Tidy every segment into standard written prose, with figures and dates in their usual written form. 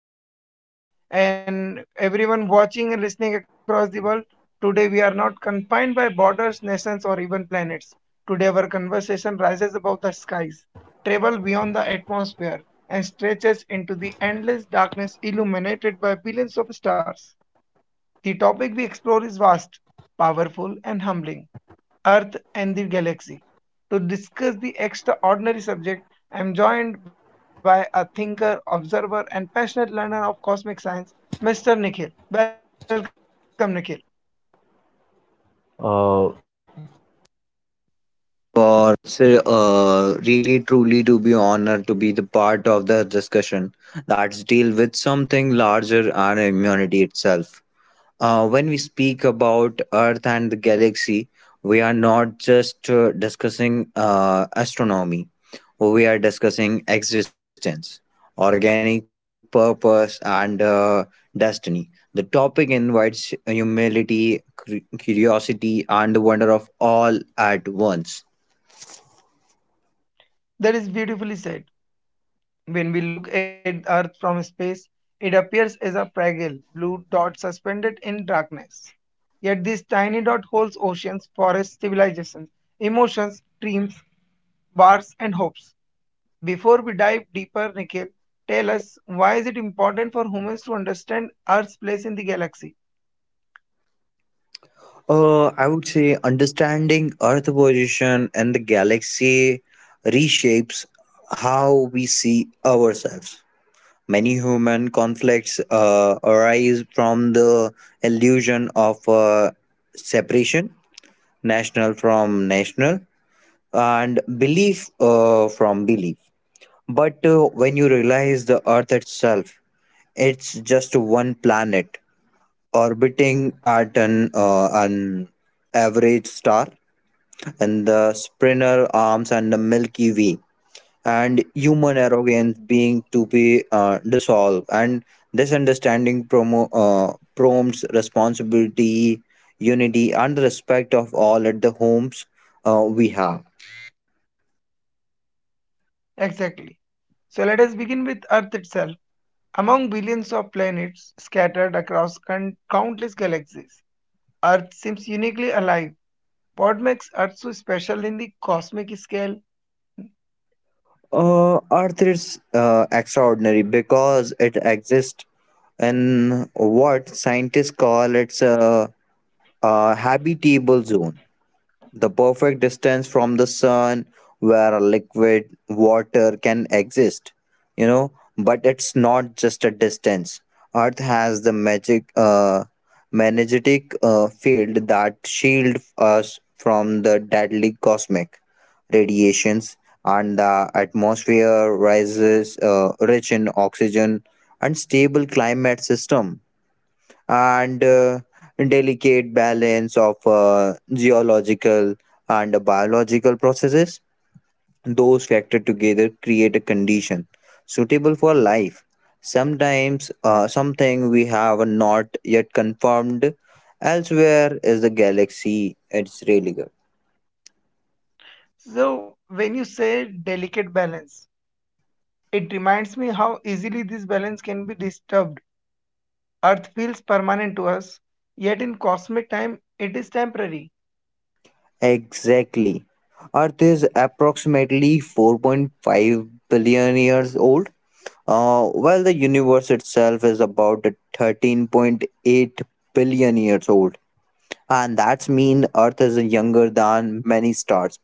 your host Sudarshan and everyone watching and listening across the world. Today we are not confined by borders, nations or even planets. Today our conversation rises above the skies, travels beyond the atmosphere and stretches into the endless darkness illuminated by billions of stars. The topic we explore is vast, powerful, and humbling Earth and the galaxy. To discuss the extraordinary subject, I am joined by a thinker, observer, and passionate learner of cosmic science, Mr. Nikhil. Welcome, Nikhil. Uh, really truly to be honored to be the part of the discussion that's deal with something larger and humanity itself. When we speak about earth and the galaxy, we are not just discussing astronomy. We are discussing existence, organic purpose, and destiny. The topic invites humility, curiosity, and the wonder of all at once. That is beautifully said. When we look at Earth from space, it appears as a fragile blue dot suspended in darkness. Yet this tiny dot holds oceans, forests, civilizations, emotions, dreams, bars, and hopes. Before we dive deeper, Nikhil, tell us why is it important for humans to understand Earth's place in the galaxy? I would say understanding Earth position and the galaxy reshapes how we see ourselves. Many human conflicts arise from the illusion of separation, national from national, and belief from belief. But when you realize the Earth itself, it's just one planet orbiting at an average star and the sprinter arms and the Milky Way, and human arrogance being to be dissolved. And this understanding prompts responsibility, unity, and respect of all at the homes we have. Exactly. So let us begin with Earth itself. Among billions of planets scattered across countless galaxies, Earth seems uniquely alive. What makes Earth so special in the cosmic scale? Earth is extraordinary because it exists in what scientists call a habitable zone, the perfect distance from the sun where a liquid water can exist, you know. But it's not just a distance. Earth has the magic magnetic field that shield us from the deadly cosmic radiations, and the atmosphere rises rich in oxygen and stable climate system, and delicate balance of geological and biological processes. Those factors together create a condition suitable for life. Sometimes, something we have not yet confirmed elsewhere is the galaxy its radial. So, when you say delicate balance, it reminds me how easily this balance can be disturbed. Earth feels permanent to us, yet in cosmic time it is temporary. Exactly. Earth is approximately 4.5 billion years old. Well, the universe itself is about 13.8 billion years old, and that's mean Earth is younger than many stars.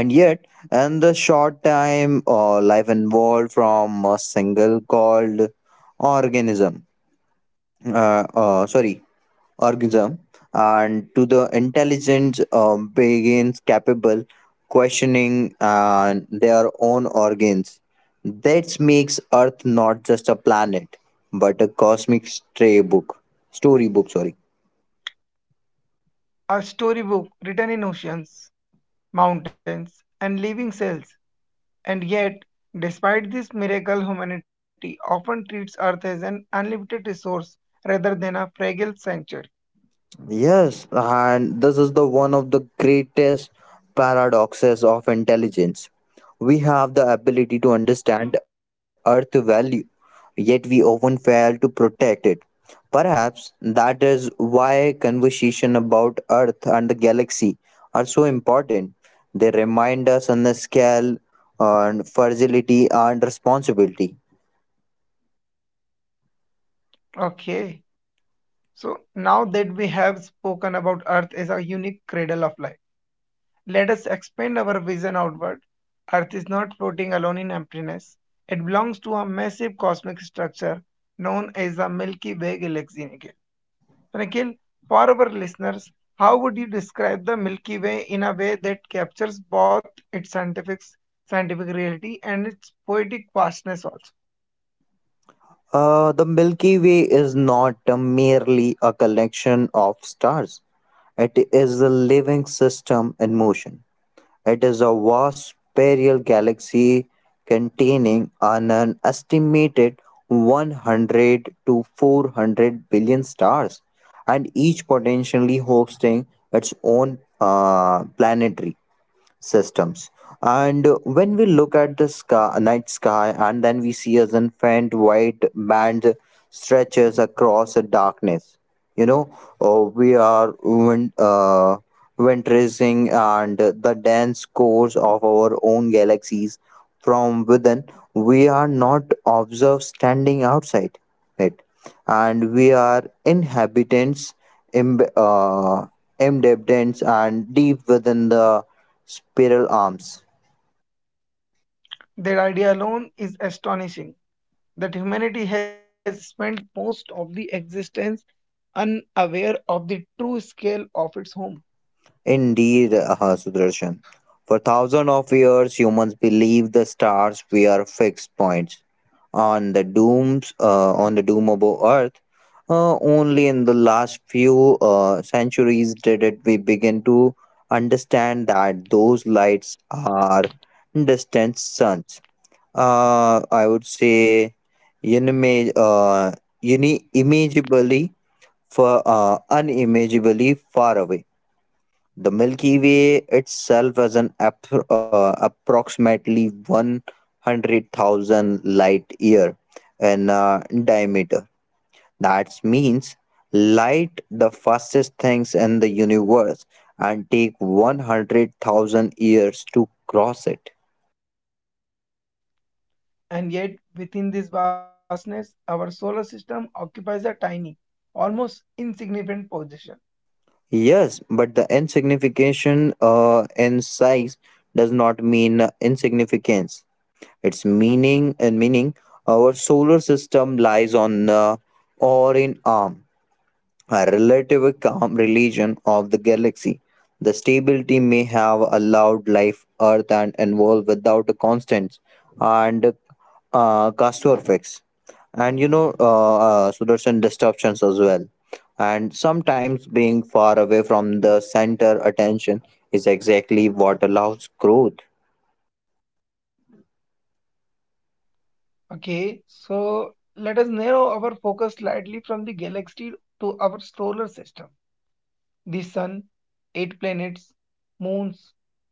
And yet, in the short time, life evolved from a single called organism, sorry, organism, and to the intelligence begins capable questioning their own organs. That makes Earth not just a planet, but a storybook. Sorry. A storybook written in oceans, mountains, and living cells. And yet, despite this miracle, humanity often treats Earth as an unlimited resource rather than a fragile sanctuary. Yes, and this is the one of the greatest paradoxes of intelligence. We have the ability to understand earth value, yet we often fail to protect it. Perhaps that is why conversation about earth and the galaxy are so important. They remind us on the scale and fragility and responsibility. Okay, so now that we have spoken about Earth as a unique cradle of life, let us expand our vision outward. Earth is not floating alone in emptiness. It belongs to a massive cosmic structure known as the Milky Way galaxy, Nikhil. So, Nikhil, for our listeners, how would you describe the Milky Way in a way that captures both its scientific reality and its poetic vastness also? The Milky Way is not merely a collection of stars. It is a living system in motion. It is a vast spiral galaxy containing an estimated 100 to 400 billion stars, and each potentially hosting its own planetary systems. And when we look at the sky, night sky, and then we see as an faint white band stretches across the darkness, you know, we are winterizing and the dense cores of our own galaxies from within. We are not observed standing outside it, and we are inhabitants, imb- uh, embedments and deep within the spiral arms. That idea alone is astonishing that humanity has spent most of the existence unaware of the true scale of its home. Indeed, sudarshan, for thousands of years humans believed the stars were fixed points on the dooms on the doomable earth. Only in the last few centuries did it we begin to understand that those lights are distant suns. I would say unima- uh, imagably for unimaginably far away. The Milky Way itself is approximately 100,000 light year in diameter. That means light, the fastest things in the universe, and take 100,000 years to cross it. And yet, within this vastness, our solar system occupies a tiny, almost insignificant position. Yes, but the insignification in size does not mean insignificance. Its meaning and meaning, our solar system lies on the Orion arm, a relatively calm region of the galaxy. The stability may have allowed life Earth and evolve without a constant and castor and Sudarshan disruptions as well. And sometimes being far away from the center attention is exactly what allows growth. Okay, so let us narrow our focus slightly from the galaxy to our solar system. The Sun, eight planets, moons,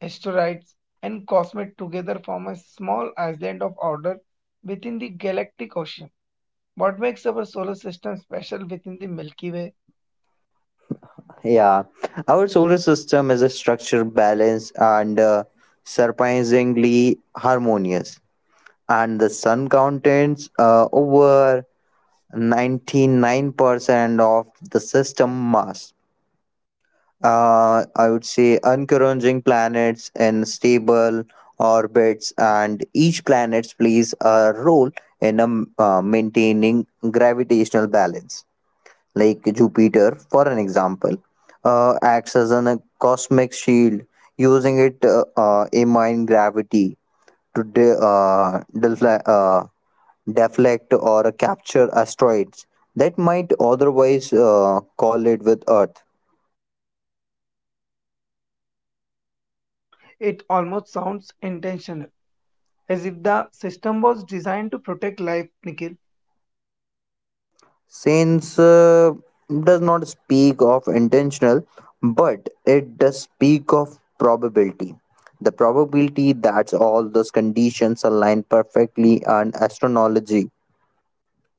asteroids, and cosmets together form a small island of order within the galactic ocean. What makes our solar system special within the Milky Way? Yeah, our solar system is a structure balanced and surprisingly harmonious, and the sun contains over 99% of the system mass. I would say encouraging planets in stable orbits, and each planet plays a role in maintaining gravitational balance, like Jupiter, for an example, acts as a cosmic shield, using it amine gravity to deflect or capture asteroids that might otherwise collide with Earth. It almost sounds intentional, as if the system was designed to protect life, Nikhil. Since does not speak of intentional, but it does speak of probability. The probability that all those conditions align perfectly and astrology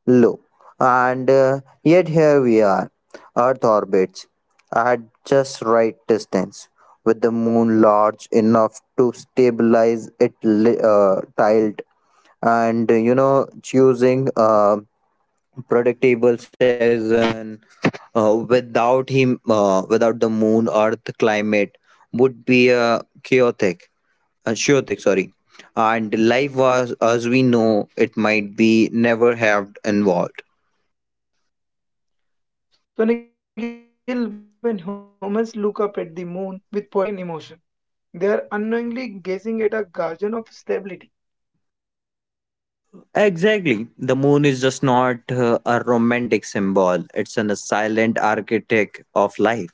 low. And yet here we are. Earth orbits at just right distance, with the moon large enough to stabilize it tiled and you know choosing a predictable season. Without the moon earth climate would be chaotic, sorry, and life was as we know it might be never have involved. So, Nikhil, when humans look up at the moon with poetry and emotion, they are unknowingly gazing at a guardian of stability. Exactly. The moon is just not a romantic symbol, it's a silent architect of life.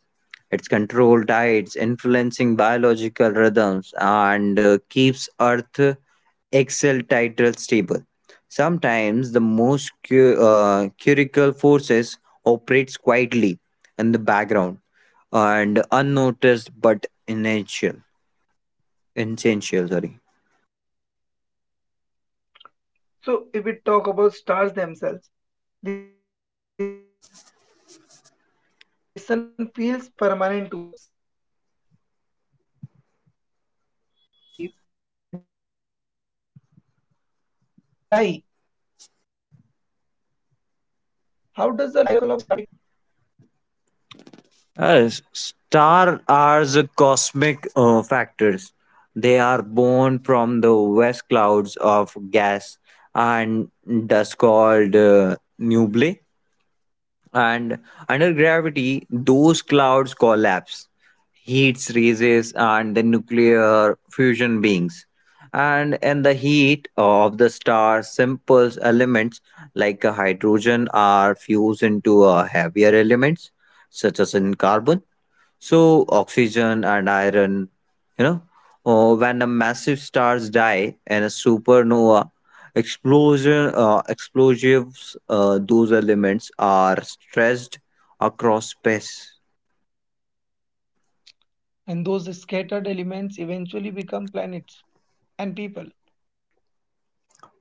It's control tides, influencing biological rhythms, and keeps Earth axial title stable. Sometimes the most curical forces operates quietly in the background and unnoticed but essential. Essential. Sorry. So, if we talk about stars themselves, the sun feels permanent to us. Yet, stars are born, they live, and they die. How does the life cycle of stars connect Earth to the wider galaxy? Stars are the cosmic factors. They are born from the vast clouds of gas and dust called nebulae. And under gravity, those clouds collapse. Heat raises and the nuclear fusion beings. And in the heat of the star, simple elements like a hydrogen are fused into heavier elements such as in carbon so oxygen and iron, you know. When the massive stars die and a supernova explosives, those elements are stressed across space. And those scattered elements eventually become planets and people.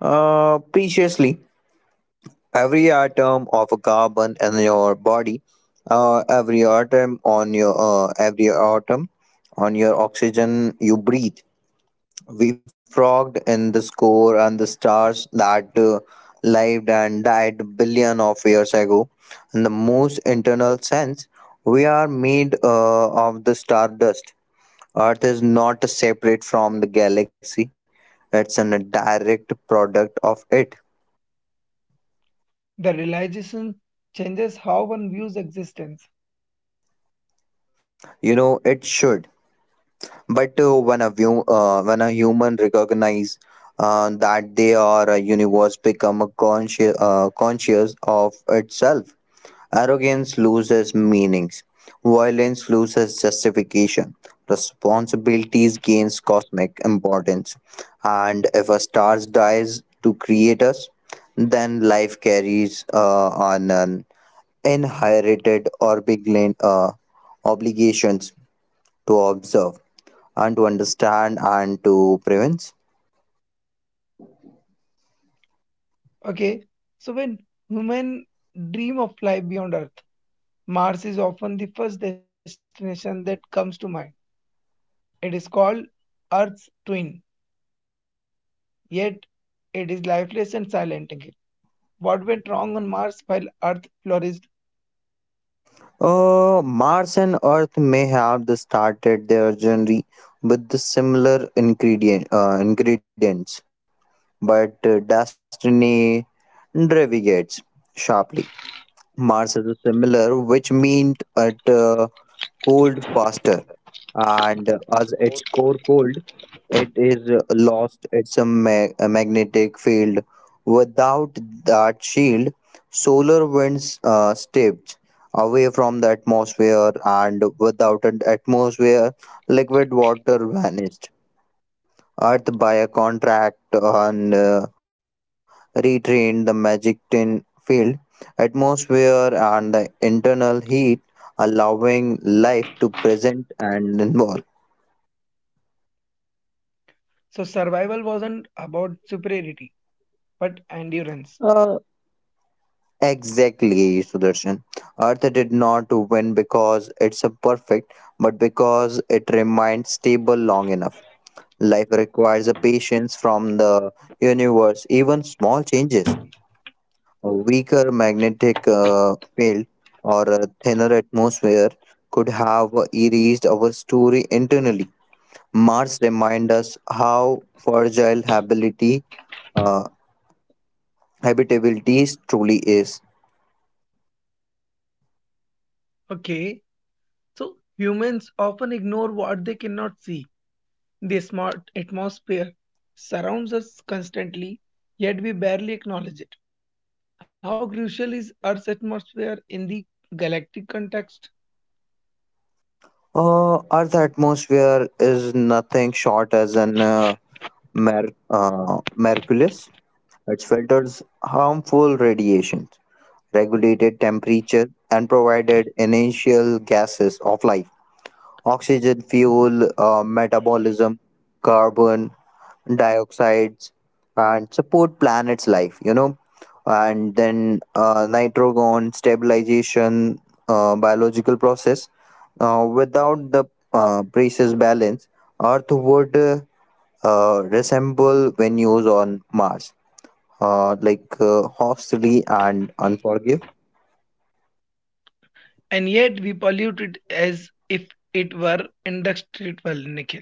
Preciously, every atom of a carbon in your body, every atom on your oxygen you breathe, we frogged in the score and the stars that lived and died billion of years ago. In the most internal sense, we are made of the stardust. Earth is not separate from the galaxy. It's a direct product of it. The realization changes how one views existence. You know, it should. But when a view, when a human recognize that they are a universe, become a conscious, conscious of itself. Arrogance loses meanings. Violence loses justification. Responsibilities gains cosmic importance. And if a star dies to create us, then life carries on an inherited or big uh, obligations to observe and to understand and to prevent. Okay, so when human dream of life beyond Earth, Mars is often the first destination that comes to mind. It is called Earth's twin, yet it is lifeless and silent. Again, what went wrong on Mars while Earth flourished? Mars and Earth may have the started their journey with the similar ingredients, but destiny deviates sharply. Mars is similar, which means it cooled faster, and as its core cooled, it is lost its magnetic field. Without that shield, solar winds stepped away from the atmosphere, and without an atmosphere, liquid water vanished. Earth by a contract and retrained the magic tin field, atmosphere, and the internal heat, allowing life to present and involve. So survival wasn't about superiority, but endurance. Uh, exactly, Sudarshan. Earth did not win because it's a perfect, but because it remained stable long enough. Life requires a patience from the universe, even small changes. A weaker magnetic field or a thinner atmosphere could have erased our story internally. Mars reminds us how fragile habitability, uh, habitability truly is. Okay, so humans often ignore what they cannot see. The smart atmosphere surrounds us constantly, yet we barely acknowledge it. How crucial is Earth's atmosphere in the galactic context? Earth's atmosphere is nothing short as an miraculous. It filters harmful radiations, regulated temperature, and provided initial gases of life. Oxygen fuel, metabolism, carbon dioxides, and support planet's life, you know. And then nitrogen stabilization, biological process. Without the precious balance, Earth would resemble venues on Mars, hostile and unforgiving. And yet we pollute it as if it were indestructible nickel.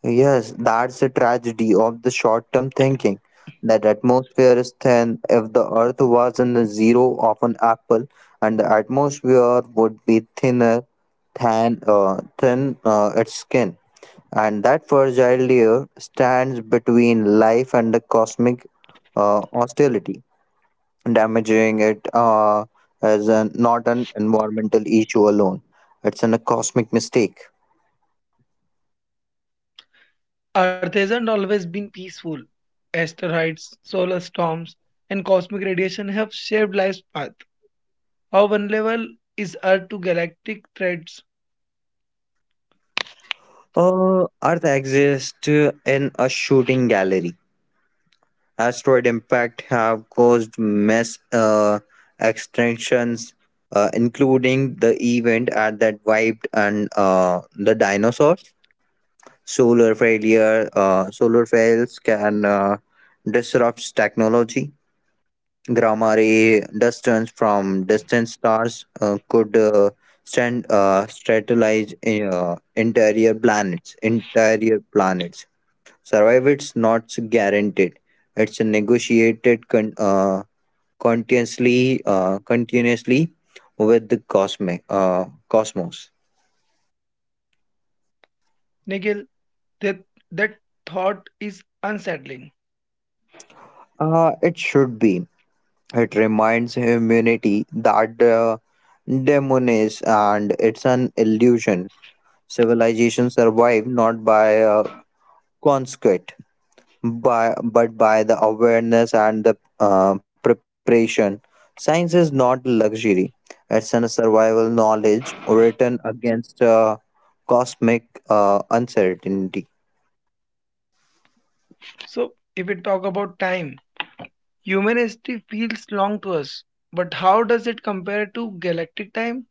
Yes, that's the tragedy of the short term thinking. That atmosphere is thin. If the earth was in the zero of an apple, and the atmosphere would be thinner than thin its skin. And that fragile layer stands between life and the cosmic hostility. Damaging it is not an environmental issue alone, it's a cosmic mistake. Earth hasn't always been peaceful. Asteroids, solar storms, and cosmic radiation have shaped life's path. How vulnerable is Earth to galactic threats? Earth exists in a shooting gallery. Asteroid impact have caused mass extinctions, including the event at that wiped and the dinosaurs. Solar fails can disrupt technology. Gamma ray distance from distant stars could stand strategize interior planets. Interior planets survive it's not guaranteed. It's negotiated continuously with the cosmic cosmos. Nickel, that, that thought is unsettling. It should be. It reminds humanity that the demon is, and it's an illusion. Civilization survive not by conquest by but by the awareness and the preparation. Science is not luxury, it's a survival knowledge written against cosmic uncertainty. So, if we talk about time, human history feels long to us, but how does it compare to galactic time?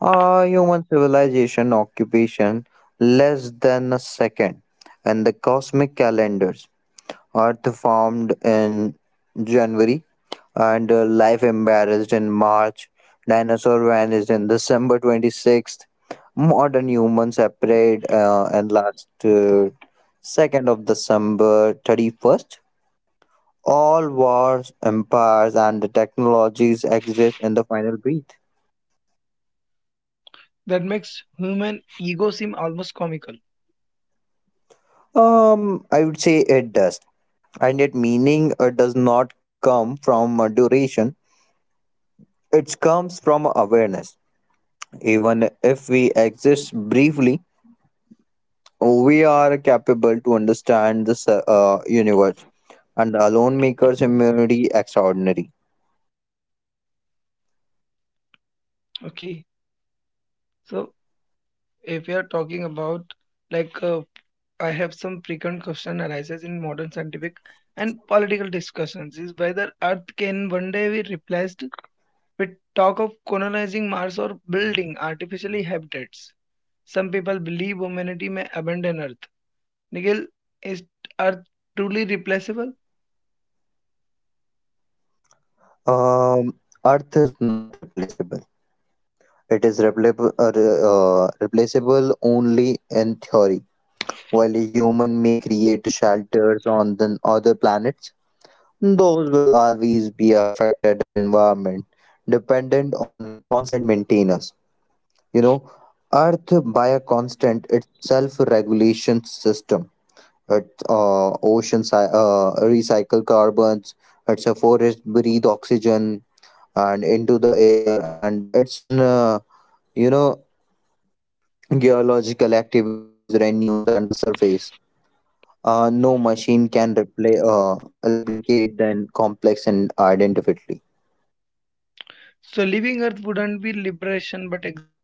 Human civilization occupation less than a second and the cosmic calendars. Earth formed in January, and life embarrassed in March. Dinosaur vanished in December 26th. Modern humans appeared in last 2nd of December 31st. All wars, empires, and the technologies exist in the final breath. That makes human ego seem almost comical. I would say it does, and yet meaning does not come from duration. It comes from awareness. Even if we exist briefly, we are capable to understand this universe, and alone makers immunity extraordinary. Okay, so if we are talking about like uh, I have some frequent question arises in modern scientific and political discussions is whether Earth can one day be replaced with talk of colonizing Mars or building artificially habitats. Some people believe humanity may abandon Earth. Nigel, is Earth truly replaceable? Um, Earth is not replaceable. It is replaceable only in theory. While a human may create shelters on the other planets, those will always be affected environment, dependent on a constant maintenance. You know, Earth by a constant, its self-regulation system. It oceans recycle carbons. It's a forest breathe oxygen and into the air, and it's an uh, you know geological activities renews and the surface. No machine can replicate the complex and identically. So leaving Earth wouldn't be liberation but exile.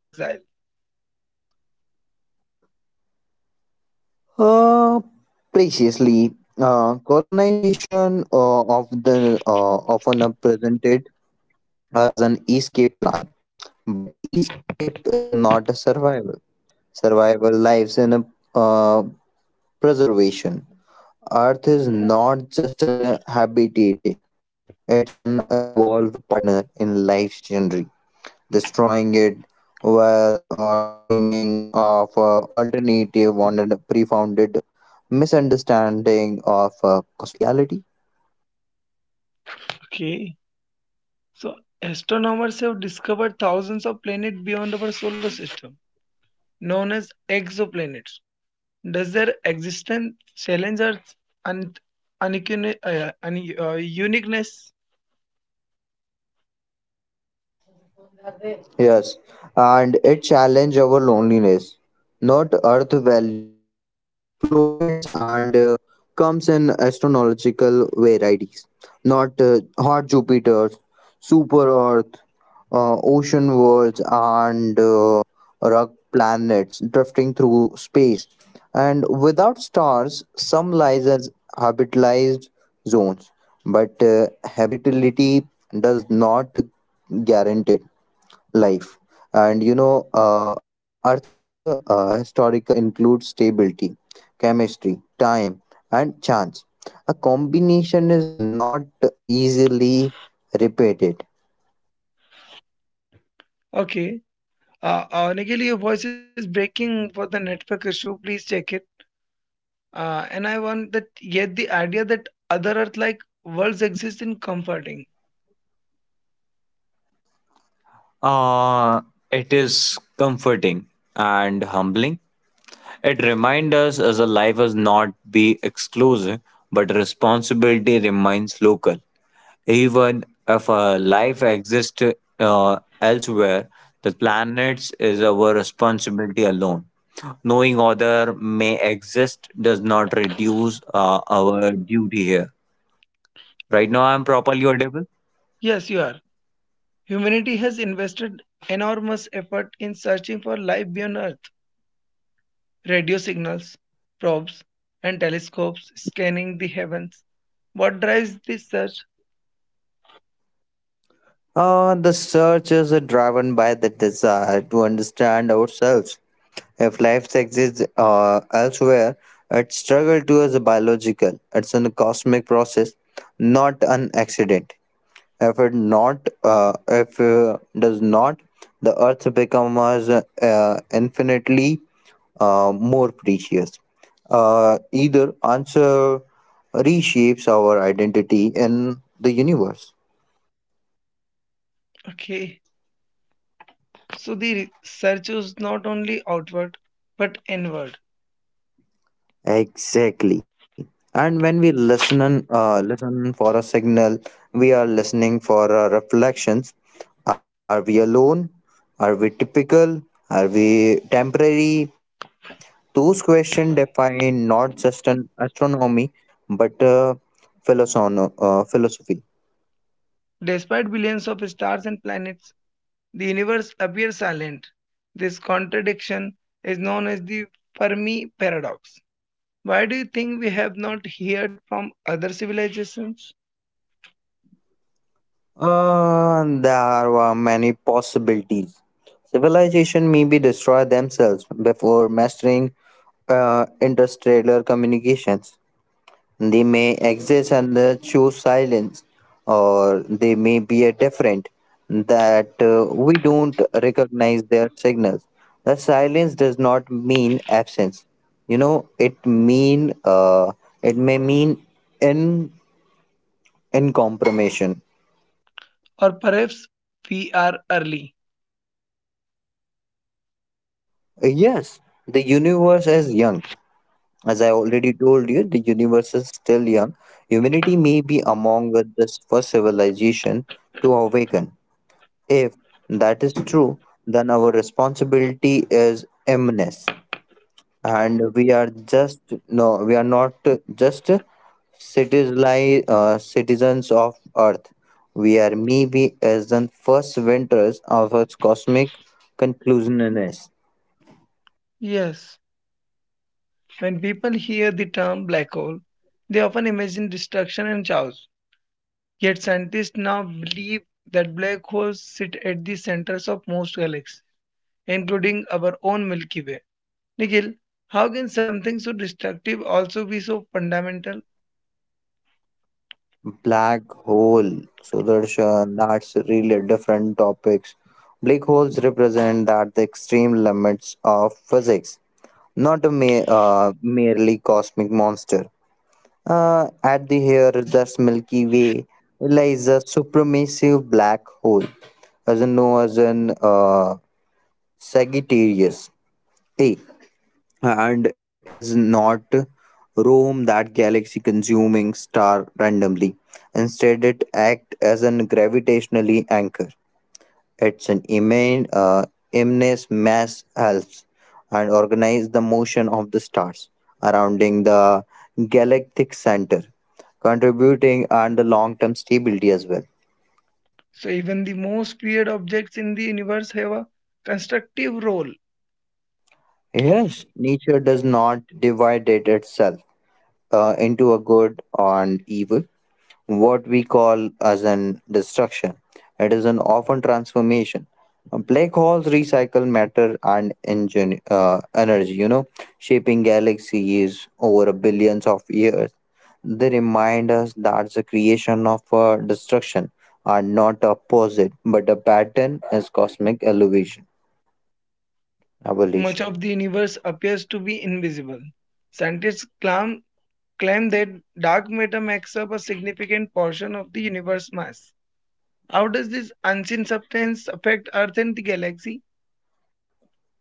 Uh, Preciously, colonization of the often are presented as an escape plan, but escape is not a survival. Survival lives in a uh, preservation. Earth is not just an habitat; it's an involved partner in life's journey destroying it while dreaming of alternative on a pre-founded misunderstanding of cosmic reality. Okay. So astronomers have discovered thousands of planets beyond our solar system, known as exoplanets. Does their existence challenge Earth's un- uniqueness? Yes, and it challenged our loneliness. Not earth value, explorers and comes in astronomical varieties. Not hot Jupiters, super Earth, ocean worlds, and rock planets drifting through space. And without stars, some lies as habitalized zones, but habitability does not guarantee. It life. And you know, Earth historical includes stability, chemistry, time, and chance. A combination is not easily repeated. Okay. Nikhil, your voice is breaking for the network issue. Please check it. And I want that yet the idea that other Earth-like worlds exist in comforting. Uh, it is comforting and humbling. It reminds us as a life is not be exclusive, but responsibility remains local. Even if life exists elsewhere, the planets is our responsibility alone. Knowing other may exist does not reduce our duty here. Right now, I'm properly audible. Yes, you are. Humanity has invested enormous effort in searching for life beyond Earth, radio signals, probes, and telescopes scanning the heavens. What drives this search? The search is driven by the desire to understand ourselves. If life exists elsewhere, its struggle to is biological. It's a cosmic process, not an accident. If does not, the earth becomes infinitely more precious. Either answer reshapes our identity in the universe. Okay, so the search is not only outward but inward. Exactly. And when we listen for a signal, we are listening for a reflection. Are we alone? Are we typical? Are we temporary? Those questions define not just an astronomy, but philosophy. Despite billions of stars and planets, the universe appears silent. This contradiction is known as the Fermi paradox. Why do you think we have not heard from other civilizations? There were many possibilities. Civilization maybe destroy themselves before mastering interstellar communications. They may exist and choose silence, or they may be a different that we don't recognize their signals. The silence does not mean absence. You know, it may mean in in compromission. Or perhaps we are early? Yes, the universe is young. As I already told you, the universe is still young. Humanity may be among with this first civilization to awaken. If that is true, then our responsibility is immense, and we are not just citizens, citizens of Earth. We are maybe as the first winters of its cosmic conclusiveness. Yes. When people hear the term black hole, they often imagine destruction and chaos. Yet scientists now believe that black holes sit at the centers of most galaxies, including our own Milky Way. Nikhil, how can something so destructive also be so fundamental? Black hole, Sudarshan, that's really different topics. Black holes represent that the extreme limits of physics, not a merely cosmic monster. At the here, the Milky Way lies a supermassive black hole, as known as an Sagittarius A, and it does not roam that galaxy-consuming star randomly. Instead, it acts as a gravitationally anchor. It's an immense mass helps and organize the motion of the stars surrounding the galactic center, contributing and the long-term stability as well. So even the most feared objects in the universe have a constructive role. Yes, nature does not divide it itself into a good and evil. What we call as an destruction. It is an often transformation. Black holes recycle matter and energy, you know, shaping galaxies over a billions of years. They remind us that the creation of destruction are not opposite, but a pattern is cosmic Much evolution. of the universe appears to be invisible. Scientists claim that dark matter makes up a significant portion of the universe mass. How does this unseen substance affect Earth and the galaxy?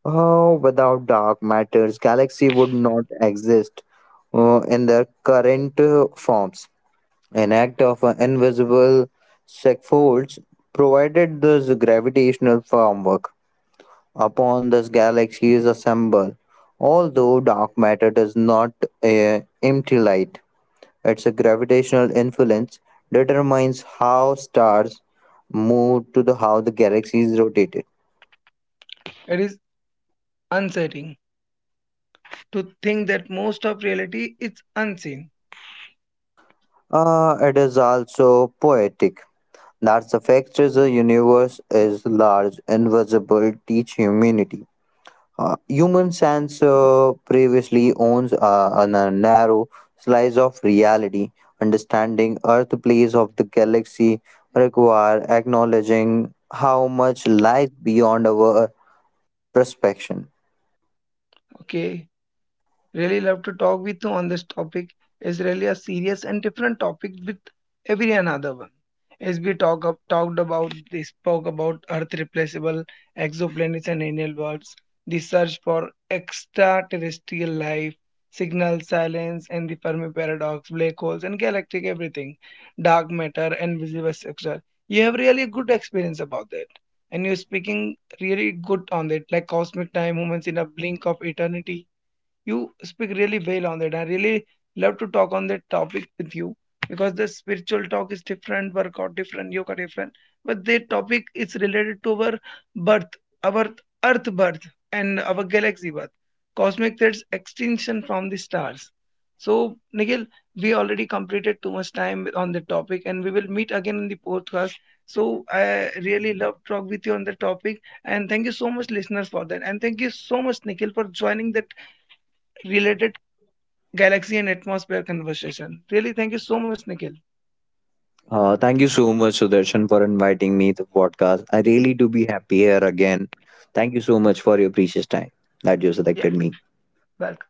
Oh, without dark matters, galaxy would not exist in their current forms. An act of invisible scaffolds provided this gravitational framework upon this galaxy is assembled. Although dark matter does not empty light, its gravitational influence determines how stars move to the how the galaxy is rotated. It is unsettling to think that most of reality is unseen. It is also poetic. That the fact is the universe is large, invisible, teach humanity. Human sense previously owns on a narrow slice of reality. Understanding Earth place of the galaxy require acknowledging how much lies beyond our perception. Okay, really love to talk with you on this topic. It's really a serious and different topic with every another one. As we talked about they spoke about Earth replaceable exoplanets and alien worlds, the search for extraterrestrial life, signal silence, and the Fermi paradox, black holes, and galactic everything, dark matter, and visible structure. You have really good experience about that, and you're speaking really good on that, like cosmic time, humans in a blink of eternity. You speak really well on that. I really love to talk on that topic with you because the spiritual talk is different, workout different, yoga different. But the topic is related to our birth, our earth birth, and our galaxy birth, cosmic threats extinction from the stars. So, Nikhil, we already completed too much time on the topic, and we will meet again in the podcast. So, I really love talk with you on the topic, and thank you so much, listeners, for that, and thank you so much, Nikhil, for joining the related galaxy and atmosphere conversation. Really, thank you so much, Nikhil. Thank you so much, Sudarshan, for inviting me to the podcast. I really do be happy here again. Thank you so much for your precious time that you Yeah, selected me. welcome.